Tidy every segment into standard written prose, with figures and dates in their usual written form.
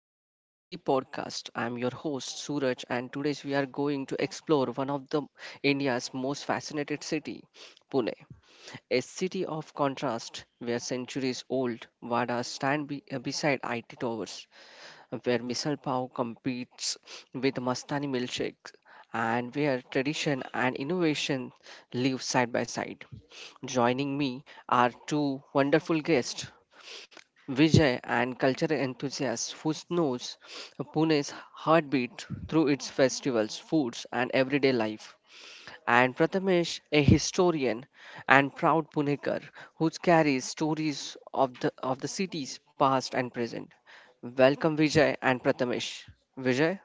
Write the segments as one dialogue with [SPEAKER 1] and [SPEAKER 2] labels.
[SPEAKER 1] to the Pune City Podcast. I'm your host Suraj and today we are going to explore one of the India's most fascinated city, Pune. A city of contrast where centuries old Vadas stand beside IT towers, where misal pav competes with Mastani milkshakes, and where tradition and innovation live side by side. Joining me are two wonderful guests Vijay, and cultural enthusiast who knows Pune's heartbeat through its festivals, foods, and everyday life. And Prathamesh, a historian and proud Punekar who carries stories of the city's past and present. Welcome Vijay and Prathamesh. Vijay?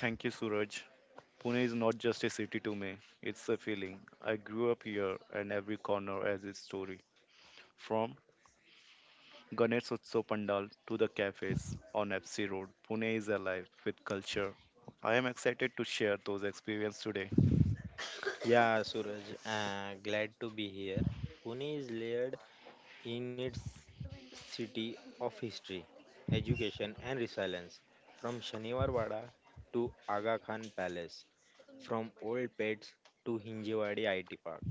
[SPEAKER 2] Thank you, Suraj. Pune is not just a city to me, it's a feeling. I grew up here, and every corner has its story. From Ganesh Utsav Pandal to the cafes on FC Road, Pune is alive with culture. I am excited to share those experiences today.
[SPEAKER 3] Yeah, Suraj, glad to be here. Pune is layered in its city of history, education, and resilience. From Shaniwar Wada to Aga Khan Palace, from old pets to Hinjewadi IT Park,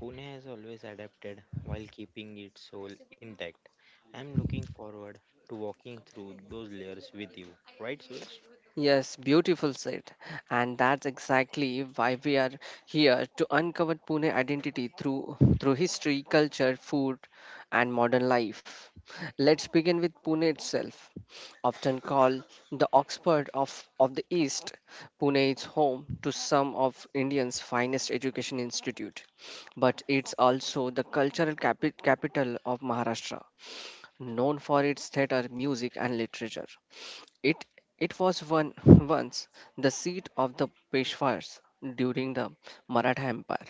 [SPEAKER 3] Pune has always adapted while keeping its soul intact. I'm looking forward to walking through those layers with you, right, Suraj?
[SPEAKER 1] Yes, beautiful said. And that's exactly why we are here to uncover Pune identity through history, culture, food, and modern life. Let's begin with Pune itself. Often called the Oxford of the East, Pune is home to some of India's finest education institute, but it's also the cultural capital of Maharashtra, known for its theatre, music, and literature. It it was one once the seat of the Peshwas during the Maratha Empire,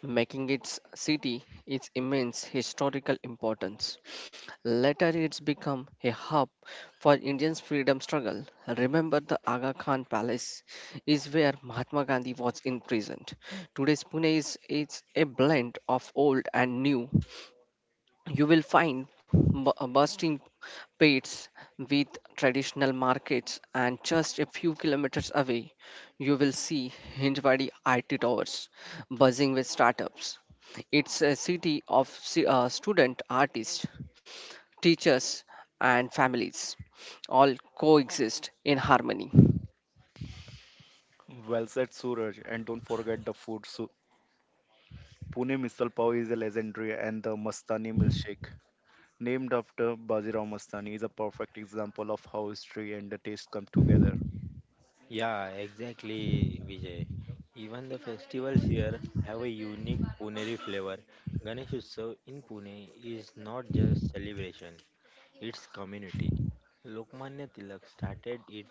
[SPEAKER 1] making its city its immense historical importance. Later, it's become a hub for Indian's freedom struggle. Remember, the Aga Khan Palace is where Mahatma Gandhi was imprisoned. Today's Pune is it's a blend of old and new. You will find bursting competes with traditional markets, and just a few kilometers away you will see Hinjwadi IT towers buzzing with startups. It's a city of student artists, teachers and families all coexist in harmony.
[SPEAKER 2] Well said, Suraj, and don't forget the food. So, Pune misal pav is a legendary, and the Mastani milkshake, named after Bajirao Mastani, is a perfect example of how history and the taste come together.
[SPEAKER 3] Yeah, exactly, Vijay. Even the festivals here have a unique Puneri flavor. Ganesh Utsav in Pune is not just celebration, it's community. Lokmanya Tilak started it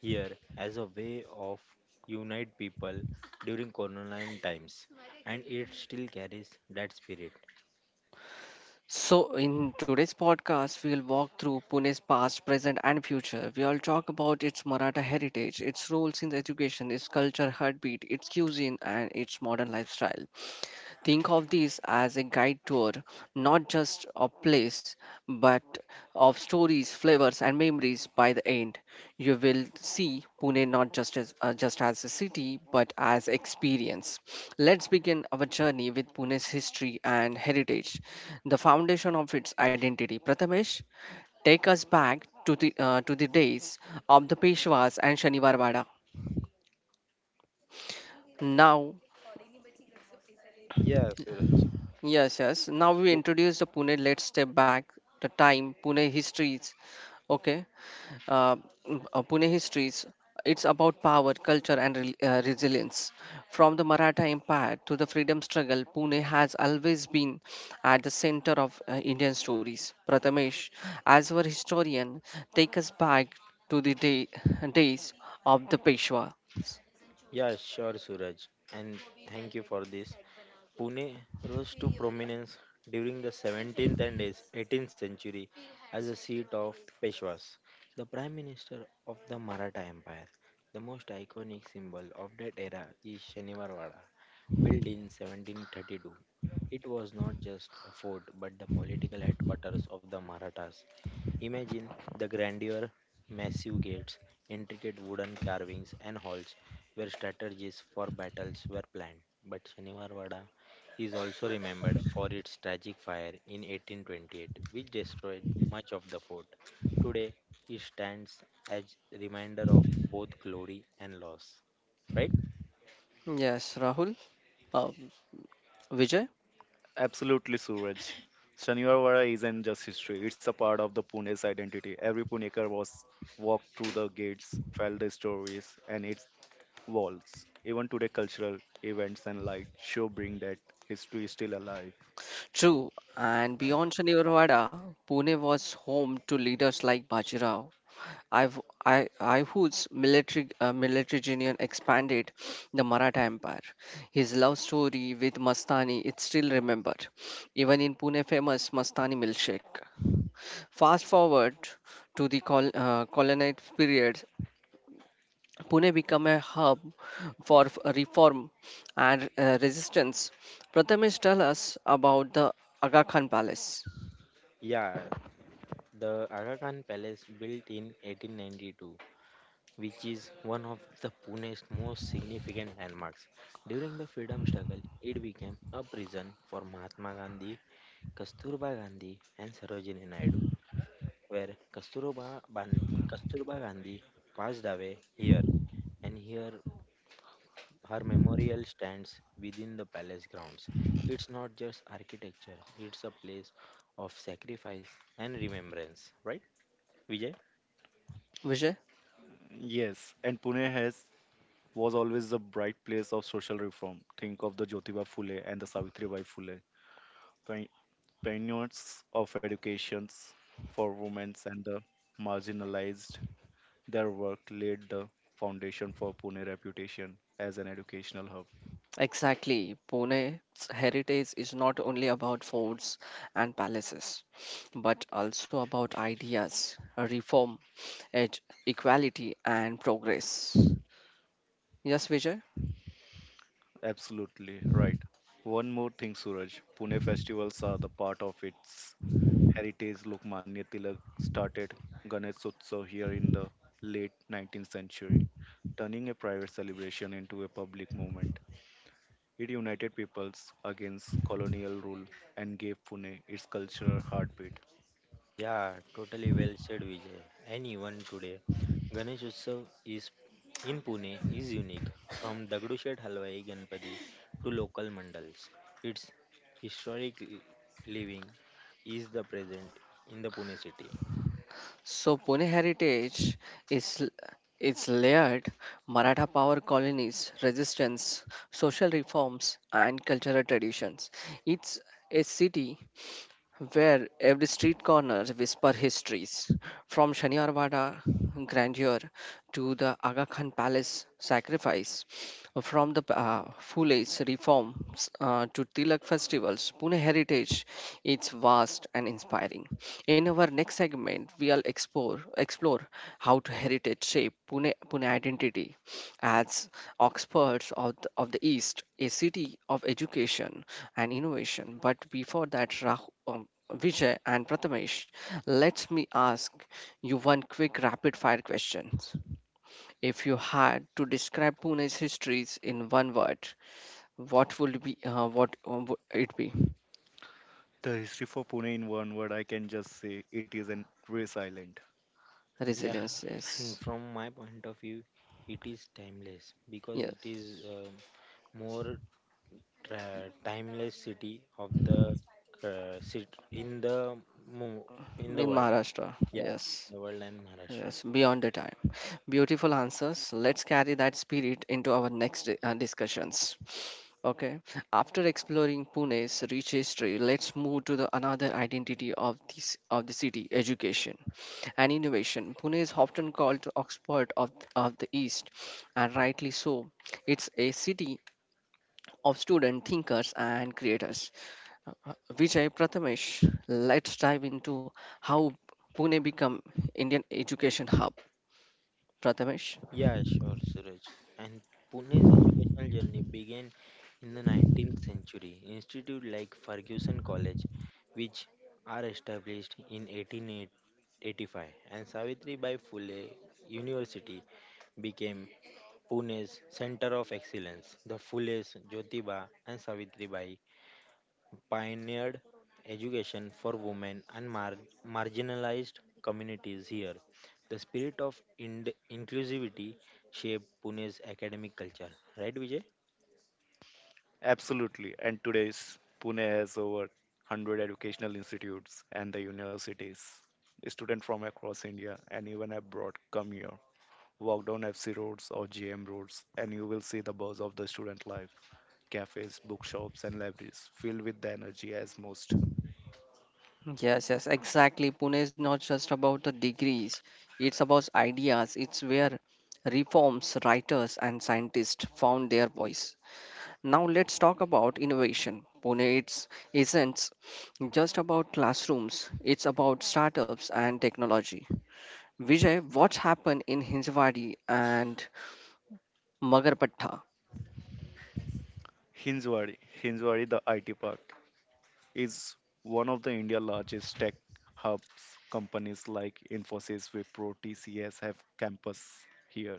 [SPEAKER 3] here as a way of unite people during colonial times, and it still carries that spirit.
[SPEAKER 1] So, in today's podcast, we'll walk through Pune's past, present, and future. We'll talk about its Maratha heritage, its roles in education, its culture, heartbeat, its cuisine, and its modern lifestyle. Think of this as a guide tour, not just a place, but of stories, flavors, and memories. By the end you will see Pune not just as a city but as experience. Let's begin our journey with Pune's history and heritage, the foundation of its identity. Prathamesh, take us back to the to the days of the Peshwas and Shaniwar Wada. Now,
[SPEAKER 3] Yeah, Suraj.
[SPEAKER 1] yes, yes. Now we introduce the Pune. Let's step back the time Pune histories. Okay, uh, Pune histories. It's about power, culture, and resilience. From the Maratha Empire to the freedom struggle, Pune has always been at the center of Indian stories. Prathamesh, as our historian, take us back to the days of the Peshwa.
[SPEAKER 3] Yeah, sure, Suraj. And thank you for this. Pune rose to prominence during the 17th and 18th century as a seat of Peshwas, the prime minister of the Maratha Empire. The most iconic symbol of that era is Shaniwarwada, built in 1732. It was not just a fort but the political headquarters of the Marathas. Imagine the grandeur, massive gates, intricate wooden carvings, and halls where strategies for battles were planned. But Shanivarwada is also remembered for its tragic fire in 1828, which destroyed much of the fort. Today, it stands as reminder of both glory and loss. Right?
[SPEAKER 1] Yes, Rahul. Uh, Vijay.
[SPEAKER 2] Absolutely, Suraj. Shaniwarwada isn't just history, it's a part of the Pune's identity. Every Punekar was walked through the gates, felt the stories and its walls. Even today, cultural events and light show bring that history is still alive.
[SPEAKER 1] True. And beyond Shani Urwada, Pune was home to leaders like Bajirao, I've, Aihud's military genius expanded the Maratha Empire. His love story with Mastani is still remembered, even in Pune famous Mastani milkshake. Fast forward to the colonized period, Pune became a hub for reform and resistance. Prathamesh tell us about the Aga Khan Palace.
[SPEAKER 3] Yeah, the Aga Khan Palace, built in 1892, which is one of the Pune's most significant landmarks. During the freedom struggle, it became a prison for Mahatma Gandhi, Kasturba Gandhi, and Sarojini Naidu, where Kasturba, Ban- Kasturba Gandhi passed away here, and here her memorial stands within the palace grounds. It's not just architecture, it's a place of sacrifice and remembrance, right, Vijay?
[SPEAKER 1] Vijay?
[SPEAKER 2] Yes, and Pune has was always a bright place of social reform. Think of the Jyotiba Phule and the Savitribai Phule, pi- pioneers of educations for women and the marginalized. Their work laid the foundation for Pune reputation as an educational hub.
[SPEAKER 1] Exactly. Pune's heritage is not only about forts and palaces, but also about ideas, reform, ed- equality, and progress. Yes, Vijay?
[SPEAKER 2] Absolutely right. One more thing, Suraj. Pune festivals are the part of its heritage. Lokmanya Tilak started Ganeshotsav here in the late 19th century, turning a private celebration into a public movement. It united peoples against colonial rule and gave Pune its cultural heartbeat.
[SPEAKER 3] Yeah, totally well said, Vijay. And even today, Ganesh Utsav is in Pune is unique. From Dagdushet Halwai Ganpati to local mandals, its historic l- living is the present in the Pune city.
[SPEAKER 1] So, Pune heritage is l- it's layered Maratha power colonies, resistance, social reforms, and cultural traditions. It's a city where every street corner whisper histories from Shaniwada grandeur to the Aga Khan Palace sacrifice, from the Fule's reforms to Tilak festivals. Pune heritage is vast and inspiring. In our next segment, we'll explore how to heritage shape Pune identity as Oxford of the East, a city of education and innovation. But before that, Vijay and Prathamesh, let me ask you one quick rapid fire question. If you had to describe Pune's histories in one word, what would it be?
[SPEAKER 2] The history for Pune, in one word, I can just say it is an resilient.
[SPEAKER 3] Yeah,
[SPEAKER 1] Resilience,
[SPEAKER 3] and
[SPEAKER 1] yes.
[SPEAKER 3] from my point of view, it is timeless because it
[SPEAKER 1] Yes.
[SPEAKER 3] is more timeless city of the city in the mo- in the
[SPEAKER 1] In
[SPEAKER 3] world.
[SPEAKER 1] Maharashtra,
[SPEAKER 3] Yeah,
[SPEAKER 1] yes.
[SPEAKER 3] the world and Maharashtra.
[SPEAKER 1] Yes, beyond the time. Beautiful answers. Let's carry that spirit into our next discussions. Okay, after exploring Pune's rich history, let's move to the another identity of this of the city, education and innovation. Pune is often called the Oxford of the East, and rightly so. It's a city of student thinkers and creators. Vijay Prathamesh, let's dive into how Pune become Indian education hub. Prathamesh.
[SPEAKER 3] Yeah, sure, Suraj. And Pune's educational journey began in the 19th century. Institute like Ferguson College, which are established in 1885, and Savitri Bai Phule University became Pune's center of excellence. The Phules, Jyotiba, and Savitri pioneered education for women and marginalized communities here. The spirit of inclusivity shaped Pune's academic culture. Right, Vijay?
[SPEAKER 2] Absolutely. And today's Pune has over 100 educational institutes and the universities. Students from across India and even abroad come here. Walk down FC roads or GM roads, and you will see the buzz of the student life. Cafes, bookshops, and libraries filled with the energy as most.
[SPEAKER 1] Yes, yes, exactly. Pune is not just about the degrees, it's about ideas. It's where reforms, writers, and scientists found their voice. Now let's talk about innovation. Pune isn't just about classrooms, it's about startups and technology. Vijay, what happened in Hinjawadi and Magarpatta?
[SPEAKER 2] Hinjwadi, Hinjwadi, the IT park, is one of the India's largest tech hubs. Companies like Infosys, Wipro, TCS have campus here.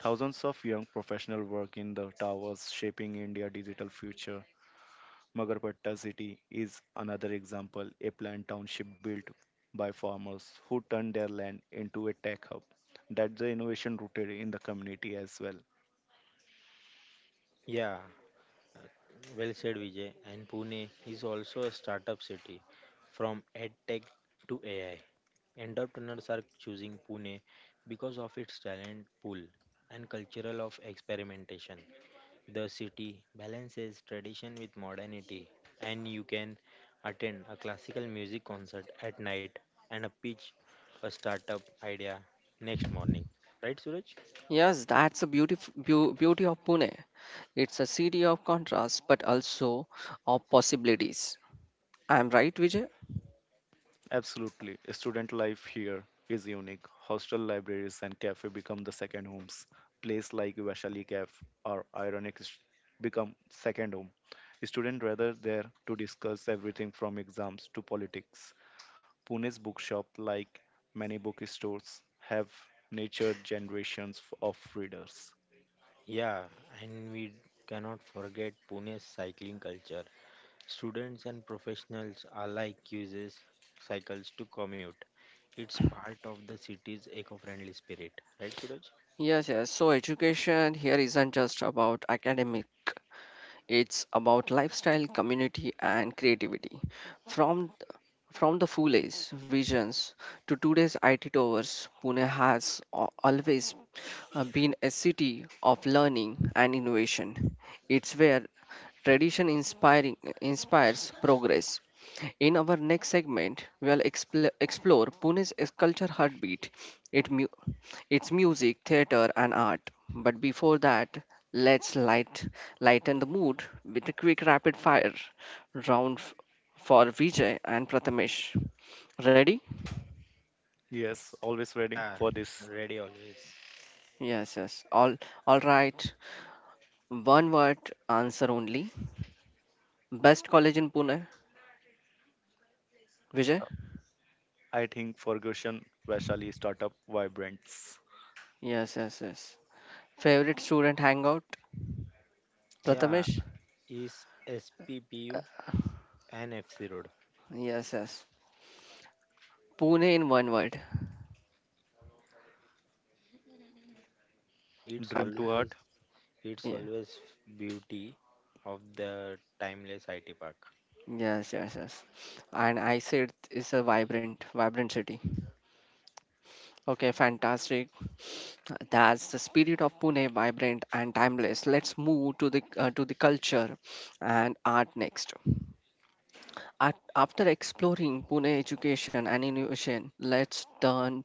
[SPEAKER 2] Thousands of young professionals work in the towers shaping India's digital future. Magarpatta city is another example, a planned township built by farmers who turned their land into a tech hub. That's the innovation rooted in the community as well.
[SPEAKER 3] Yeah, well said, Vijay. And Pune is also a startup city from edtech to AI. Entrepreneurs are choosing Pune because of its talent pool and cultural of experimentation. The city balances tradition with modernity, and you can attend a classical music concert at night and a pitch a startup idea next morning. Right, Suraj?
[SPEAKER 1] Yes, that's the beauty of Pune. It's a city of contrasts, but also of possibilities. I'm right, Vijay?
[SPEAKER 2] Absolutely, student life here is unique. Hostel libraries and cafe become the second homes. Places like Vaishali Cafe or become second home. Students gather there to discuss everything from exams to politics. Pune's bookshop, like many bookstores, have nurtured generations of readers.
[SPEAKER 3] Yeah, and we cannot forget Pune's cycling culture. Students and professionals alike uses cycles to commute. It's part of the city's eco-friendly spirit. Right, Suraj?
[SPEAKER 1] Yes, yes. So education here isn't just about academic, it's about lifestyle, community, and creativity. From from the fool age visions to today's IT towers, Pune has always been a city of learning and innovation. It's where tradition inspiring inspires progress. In our next segment, we'll explore Pune's culture heartbeat. It it's music, theater, and art. But before that, let's lighten the mood with a quick rapid fire round for Vijay and Prathamesh. Ready?
[SPEAKER 2] Yes, always ready
[SPEAKER 3] Yeah,
[SPEAKER 2] for this.
[SPEAKER 3] ready always.
[SPEAKER 1] Yes, yes. All right. One word answer only. Best college in Pune. Vijay?
[SPEAKER 2] I think Ferguson Vaishali startup vibrants.
[SPEAKER 1] Yes, yes, yes. Favorite student hangout?
[SPEAKER 3] Yeah,
[SPEAKER 1] Prathamesh?
[SPEAKER 3] is SPPU an FC Road.
[SPEAKER 1] Yes, yes. Pune in one word.
[SPEAKER 3] It's
[SPEAKER 1] I,
[SPEAKER 2] Dream to heart,
[SPEAKER 3] always it's
[SPEAKER 1] yeah.
[SPEAKER 3] always beauty of the timeless IT park.
[SPEAKER 1] Yes, yes, yes. And I said it's a vibrant city. Okay, fantastic. That's the spirit of Pune, vibrant and timeless. Let's move to the culture and art next. At, after exploring Pune education and innovation, let's turn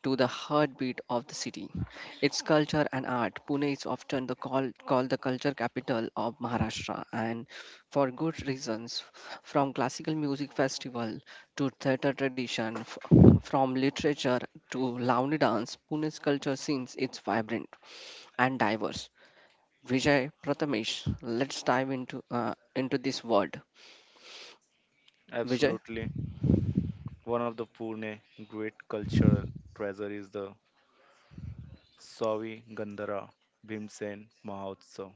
[SPEAKER 1] to the heartbeat of the city, its culture and art. Pune is often the called the culture capital of Maharashtra, and for good reasons. From classical music festival to theatre tradition, from literature to Lavani dance, Pune's culture scene is vibrant and diverse. Vijay Prathamesh, let's dive into this world. Vijay.
[SPEAKER 2] absolutely. One of the Pune great cultural treasure is the Savi Gandhara Bhimsen Mahotsav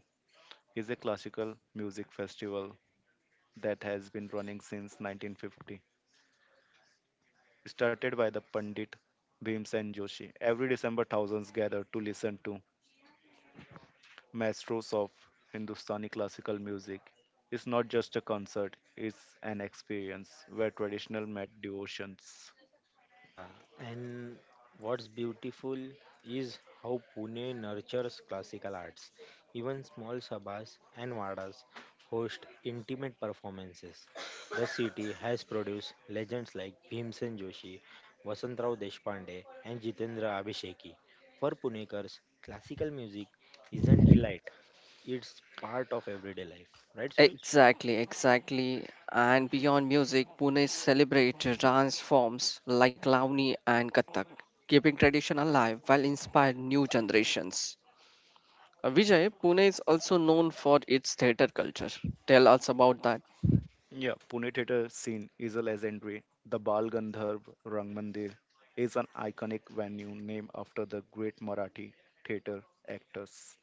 [SPEAKER 2] is a classical music festival that has been running since 1950, started by the Pandit Bhimsen Joshi. Every December, thousands gather to listen to maestros of Hindustani classical music. It's not just a concert, it's an experience where traditional met devotions.
[SPEAKER 3] Yeah, and what's beautiful is how Pune nurtures classical arts. Even small sabhas and vadas host intimate performances. The city has produced legends like Bhimsen Joshi, Vasantrao Deshpande, and Jitendra Abhisheki. For Punekars, classical music isn't elite, it's part of everyday life, right, Suraj?
[SPEAKER 1] Exactly, exactly. And beyond music, Pune celebrates dance forms like Lavani and Kathak, keeping tradition alive while inspiring new generations. Vijay, Pune is also known for its theatre culture. Tell us about that.
[SPEAKER 2] Yeah, Pune theatre scene is a legendary. The Bal Gandharv Rang Mandir is an iconic venue named after the great Marathi theatre actors.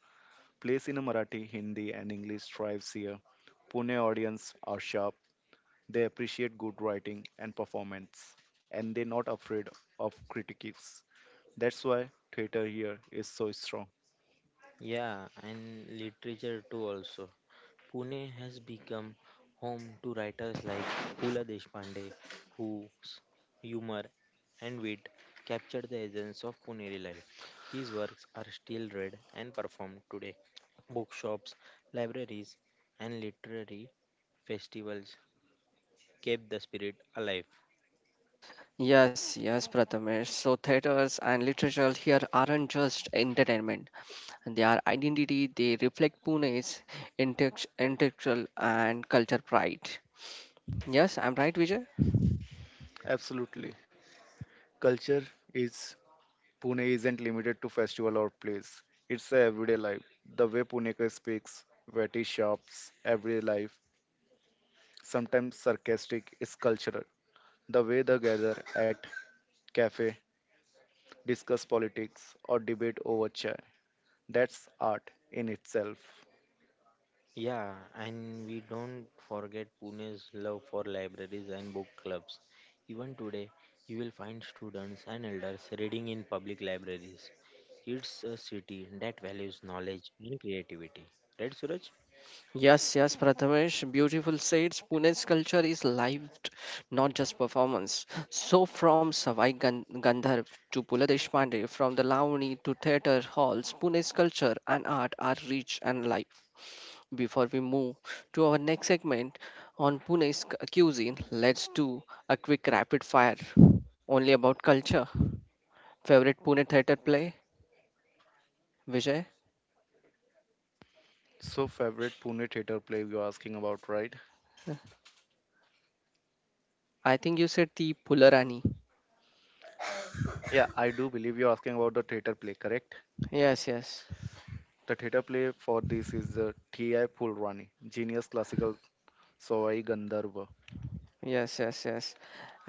[SPEAKER 2] Plays in Marathi, Hindi, and English thrives here. Pune audience are sharp. They appreciate good writing and performance, and they're not afraid of critiques. That's why theater here is so strong.
[SPEAKER 3] Yeah, and literature too also. Pune has become home to writers like Pula Deshpande, whose humor and wit captured the essence of Puneri life. His works are still read and performed today. Bookshops, libraries, and literary festivals kept the spirit alive.
[SPEAKER 1] Yes, yes, Prathamesh. So theatres and literature here aren't just entertainment. They are identity. They reflect Pune's intellectual and culture pride. Yes, I'm right, Vijay.
[SPEAKER 2] Absolutely. Culture is Pune isn't limited to festival or plays. It's a everyday life. The way Punekar speaks, witty shops, everyday life, sometimes sarcastic, is cultural. The way they gather at cafe, discuss politics, or debate over chai. That's art in itself.
[SPEAKER 3] Yeah, and we don't forget Pune's love for libraries and book clubs. Even today, you will find students and elders reading in public libraries. It's a city that values knowledge and creativity. Right, Suraj?
[SPEAKER 1] Yes, yes, Prathamesh, beautiful says Pune's culture is lived, not just performance. So from Gandharv to Pula Deshpande, from the Lavani to theatre halls, Pune's culture and art are rich and live. Before we move to our next segment on Pune's cuisine, let's do a quick rapid fire only about culture. Favorite Pune theatre play, Vijay?
[SPEAKER 2] So, favorite Pune theater play you're asking about, right?
[SPEAKER 1] I think you said the Pularani.
[SPEAKER 2] Yeah, I do believe you're asking about the theater play, correct?
[SPEAKER 1] Yes, yes.
[SPEAKER 2] The theater play for this is the T.I. Pulrani, genius classical Sawai Gandharva.
[SPEAKER 1] Yes, yes, yes.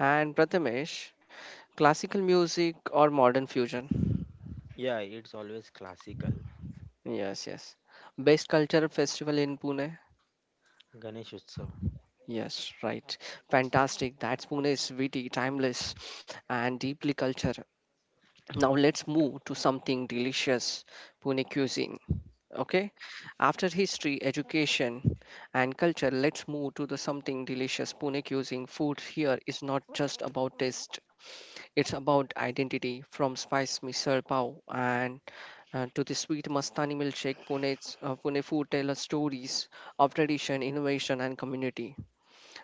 [SPEAKER 1] And Prathamesh, classical music or modern fusion?
[SPEAKER 3] Yeah, it's always classical.
[SPEAKER 1] Yes, yes. Best cultural festival in Pune?
[SPEAKER 3] Ganesh Utsav.
[SPEAKER 1] Yes, right. Fantastic. That's Pune is witty, timeless, and deeply culture. Now let's move to something delicious, Pune cuisine. Okay? After history, education, and culture, let's move to the something delicious Pune cuisine. Food here is not just about taste. It's about identity from spice misal pav and to the sweet Mastani milkshake. Pune food tell us stories of tradition, innovation, and community.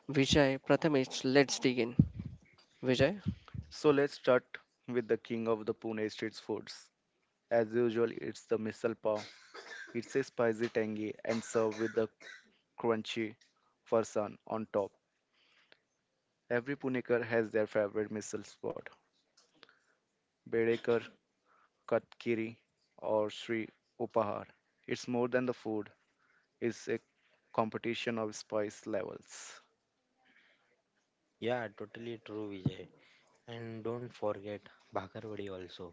[SPEAKER 1] Vijay Prathamesh, let's dig in. Vijay?
[SPEAKER 2] So, let's start with the king of the Pune street foods. As usual, it's the misal pav. It's a spicy tangy and served with the crunchy farsan on top. Every Punekar has their favorite misal spot. Bedekar, Katkiri, or Sri Upahar. It's more than the food, is a competition of spice levels.
[SPEAKER 3] Yeah, totally true, Vijay. And don't forget Bhakarwadi also,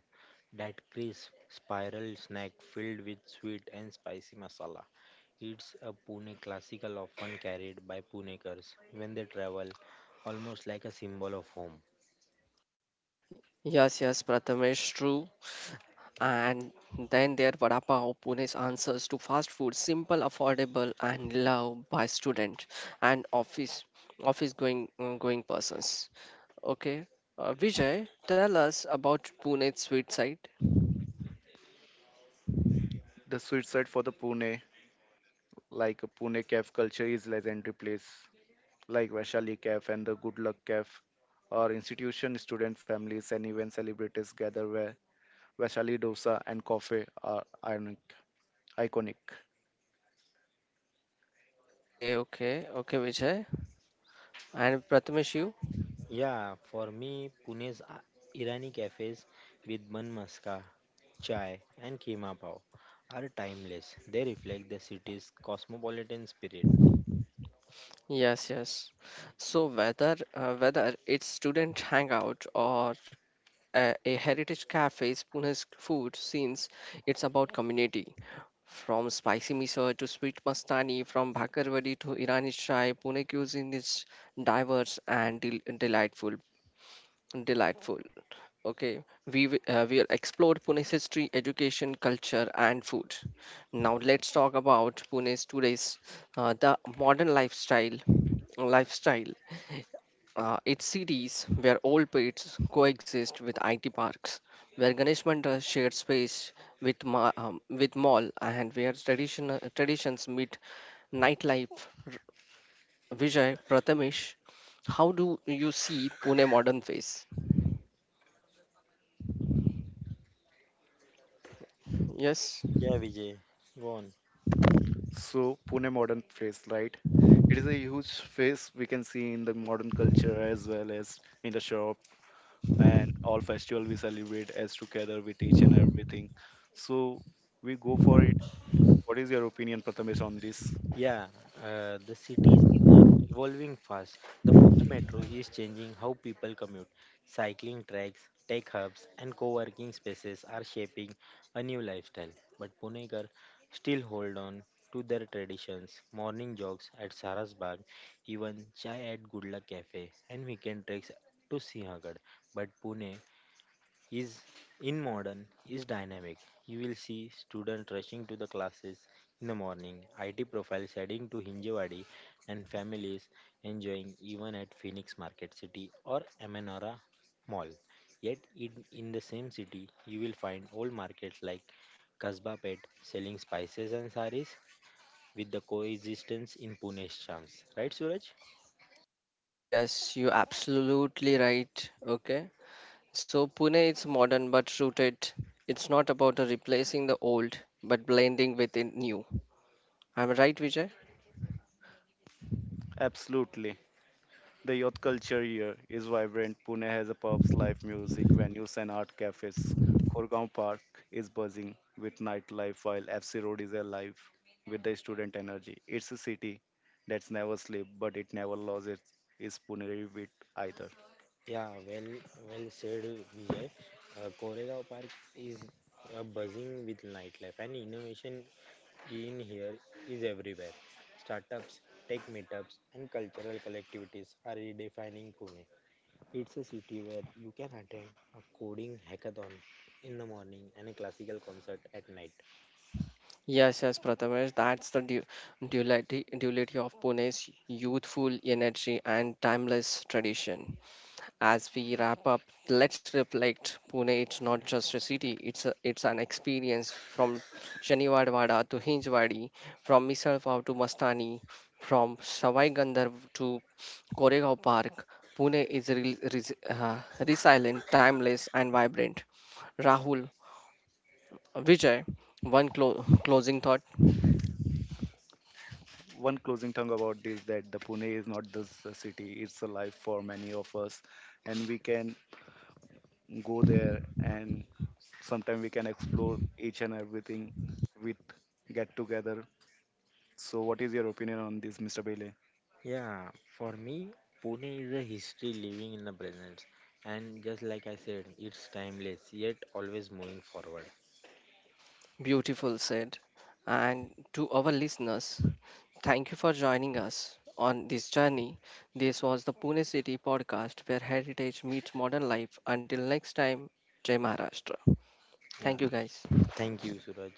[SPEAKER 3] that crisp spiral snack filled with sweet and spicy masala. It's a Pune classical often carried by Punekars when they travel, almost like a symbol of home.
[SPEAKER 1] Yes, yes, Prathamesh, true. And then there Vada Pav, Pune's answers to fast food, simple, affordable, and loved by students and office going going persons. Okay, Vijay, tell us about Pune's sweet side.
[SPEAKER 2] The suicide for the Pune, like a Pune Caf culture is legendary place, like Vaishali Caf and the Good Luck Caf, or institution student families and even celebrities gather where Vaishali dosa and coffee are iconic. Iconic.
[SPEAKER 1] Okay, okay, okay, Vijay. And Prathamesh, you?
[SPEAKER 3] Yeah, for me, Pune's Irani cafes with bun maska, chai, and keema pav are timeless. They reflect the city's cosmopolitan spirit.
[SPEAKER 1] Yes, yes. So whether it's student hangout or a heritage cafe's Pune's food scenes, it's about community. From spicy miso to sweet mastani, from bhakarwadi to Irani chai, Pune cuisine is diverse and delightful. Delightful. Okay, we explored Pune's history, education, culture, and food. Now let's talk about Pune's today's the modern lifestyle. Lifestyle. It's cities where old pits coexist with IT parks, where Ganesh Mandal shared space with with mall, and where tradition traditions meet nightlife. R- Vijay Prathamesh, how do you see Pune modern face? Yes.
[SPEAKER 3] Yeah, Vijay, go on.
[SPEAKER 2] So Pune modern face, right? It is a huge face we can see in the modern culture as well as in the shop, and all festival we celebrate as together with each and everything. So we go for it. What is your opinion, Prathamesh, on this?
[SPEAKER 3] Yeah, the city is evolving fast. The Pune Metro is changing how people commute. Cycling tracks, tech hubs, and co-working spaces are shaping a new lifestyle. But Punekar still hold on to their traditions. Morning jogs at Sarasbagh, even chai at Good Luck Cafe, and weekend treks to Sinhagad. But Pune is in modern is dynamic. You will see students rushing to the classes in the morning, IT profiles heading to Hinjewadi, and families enjoying even at Phoenix Market City or Amanora Mall. Yet in the same city, you will find old markets like Kasba Pet selling spices and saris with the coexistence in Pune's charms. Right, Suraj?
[SPEAKER 1] Yes, yes, you absolutely right. Okay. So Pune is modern but rooted. It's not about replacing the old but blending with the new. Am I right, Vijay?
[SPEAKER 2] Absolutely. The youth culture here is vibrant. Pune has a pubs, live music, venues, and art cafes. Korgaon Park is buzzing with nightlife, while FC Road is alive with the student energy. It's a city that's never sleep, but it never loses its Pune wit either.
[SPEAKER 3] Yeah, well said, Vijay. Koregaon Park is buzzing with nightlife, and innovation in here is everywhere. Startups, tech meetups, and cultural collectivities are redefining Pune. It's a city where you can attend a coding hackathon in the morning and a classical concert at night.
[SPEAKER 1] Yes, yes, Prathamesh. That's the duality, duality of Pune's youthful energy and timeless tradition. As we wrap up, let's reflect. Pune it's not just a city, it's an experience from Shaniwadwada to Hinjwadi, from Misalpav to Mastani, from Sawai Gandharv to Koregaon Park. Pune is resilient, timeless, and vibrant. Rahul, Vijay, one closing thought,
[SPEAKER 2] One closing tongue about this that the Pune is not just a city; it's a life for many of us, and we can go there and sometimes we can explore each and everything with get together. So, what is your opinion on this, Mr. Bailey?
[SPEAKER 3] Yeah, for me, Pune is a history living in the present, and just like I said, it's timeless yet always moving forward.
[SPEAKER 1] beautiful said. And to our listeners, thank you for joining us on this journey. This was the Pune City podcast where heritage meets modern life. Until next time, Jai Maharashtra.
[SPEAKER 3] Yeah.
[SPEAKER 1] Thank you, guys.
[SPEAKER 3] Thank you, Suraj.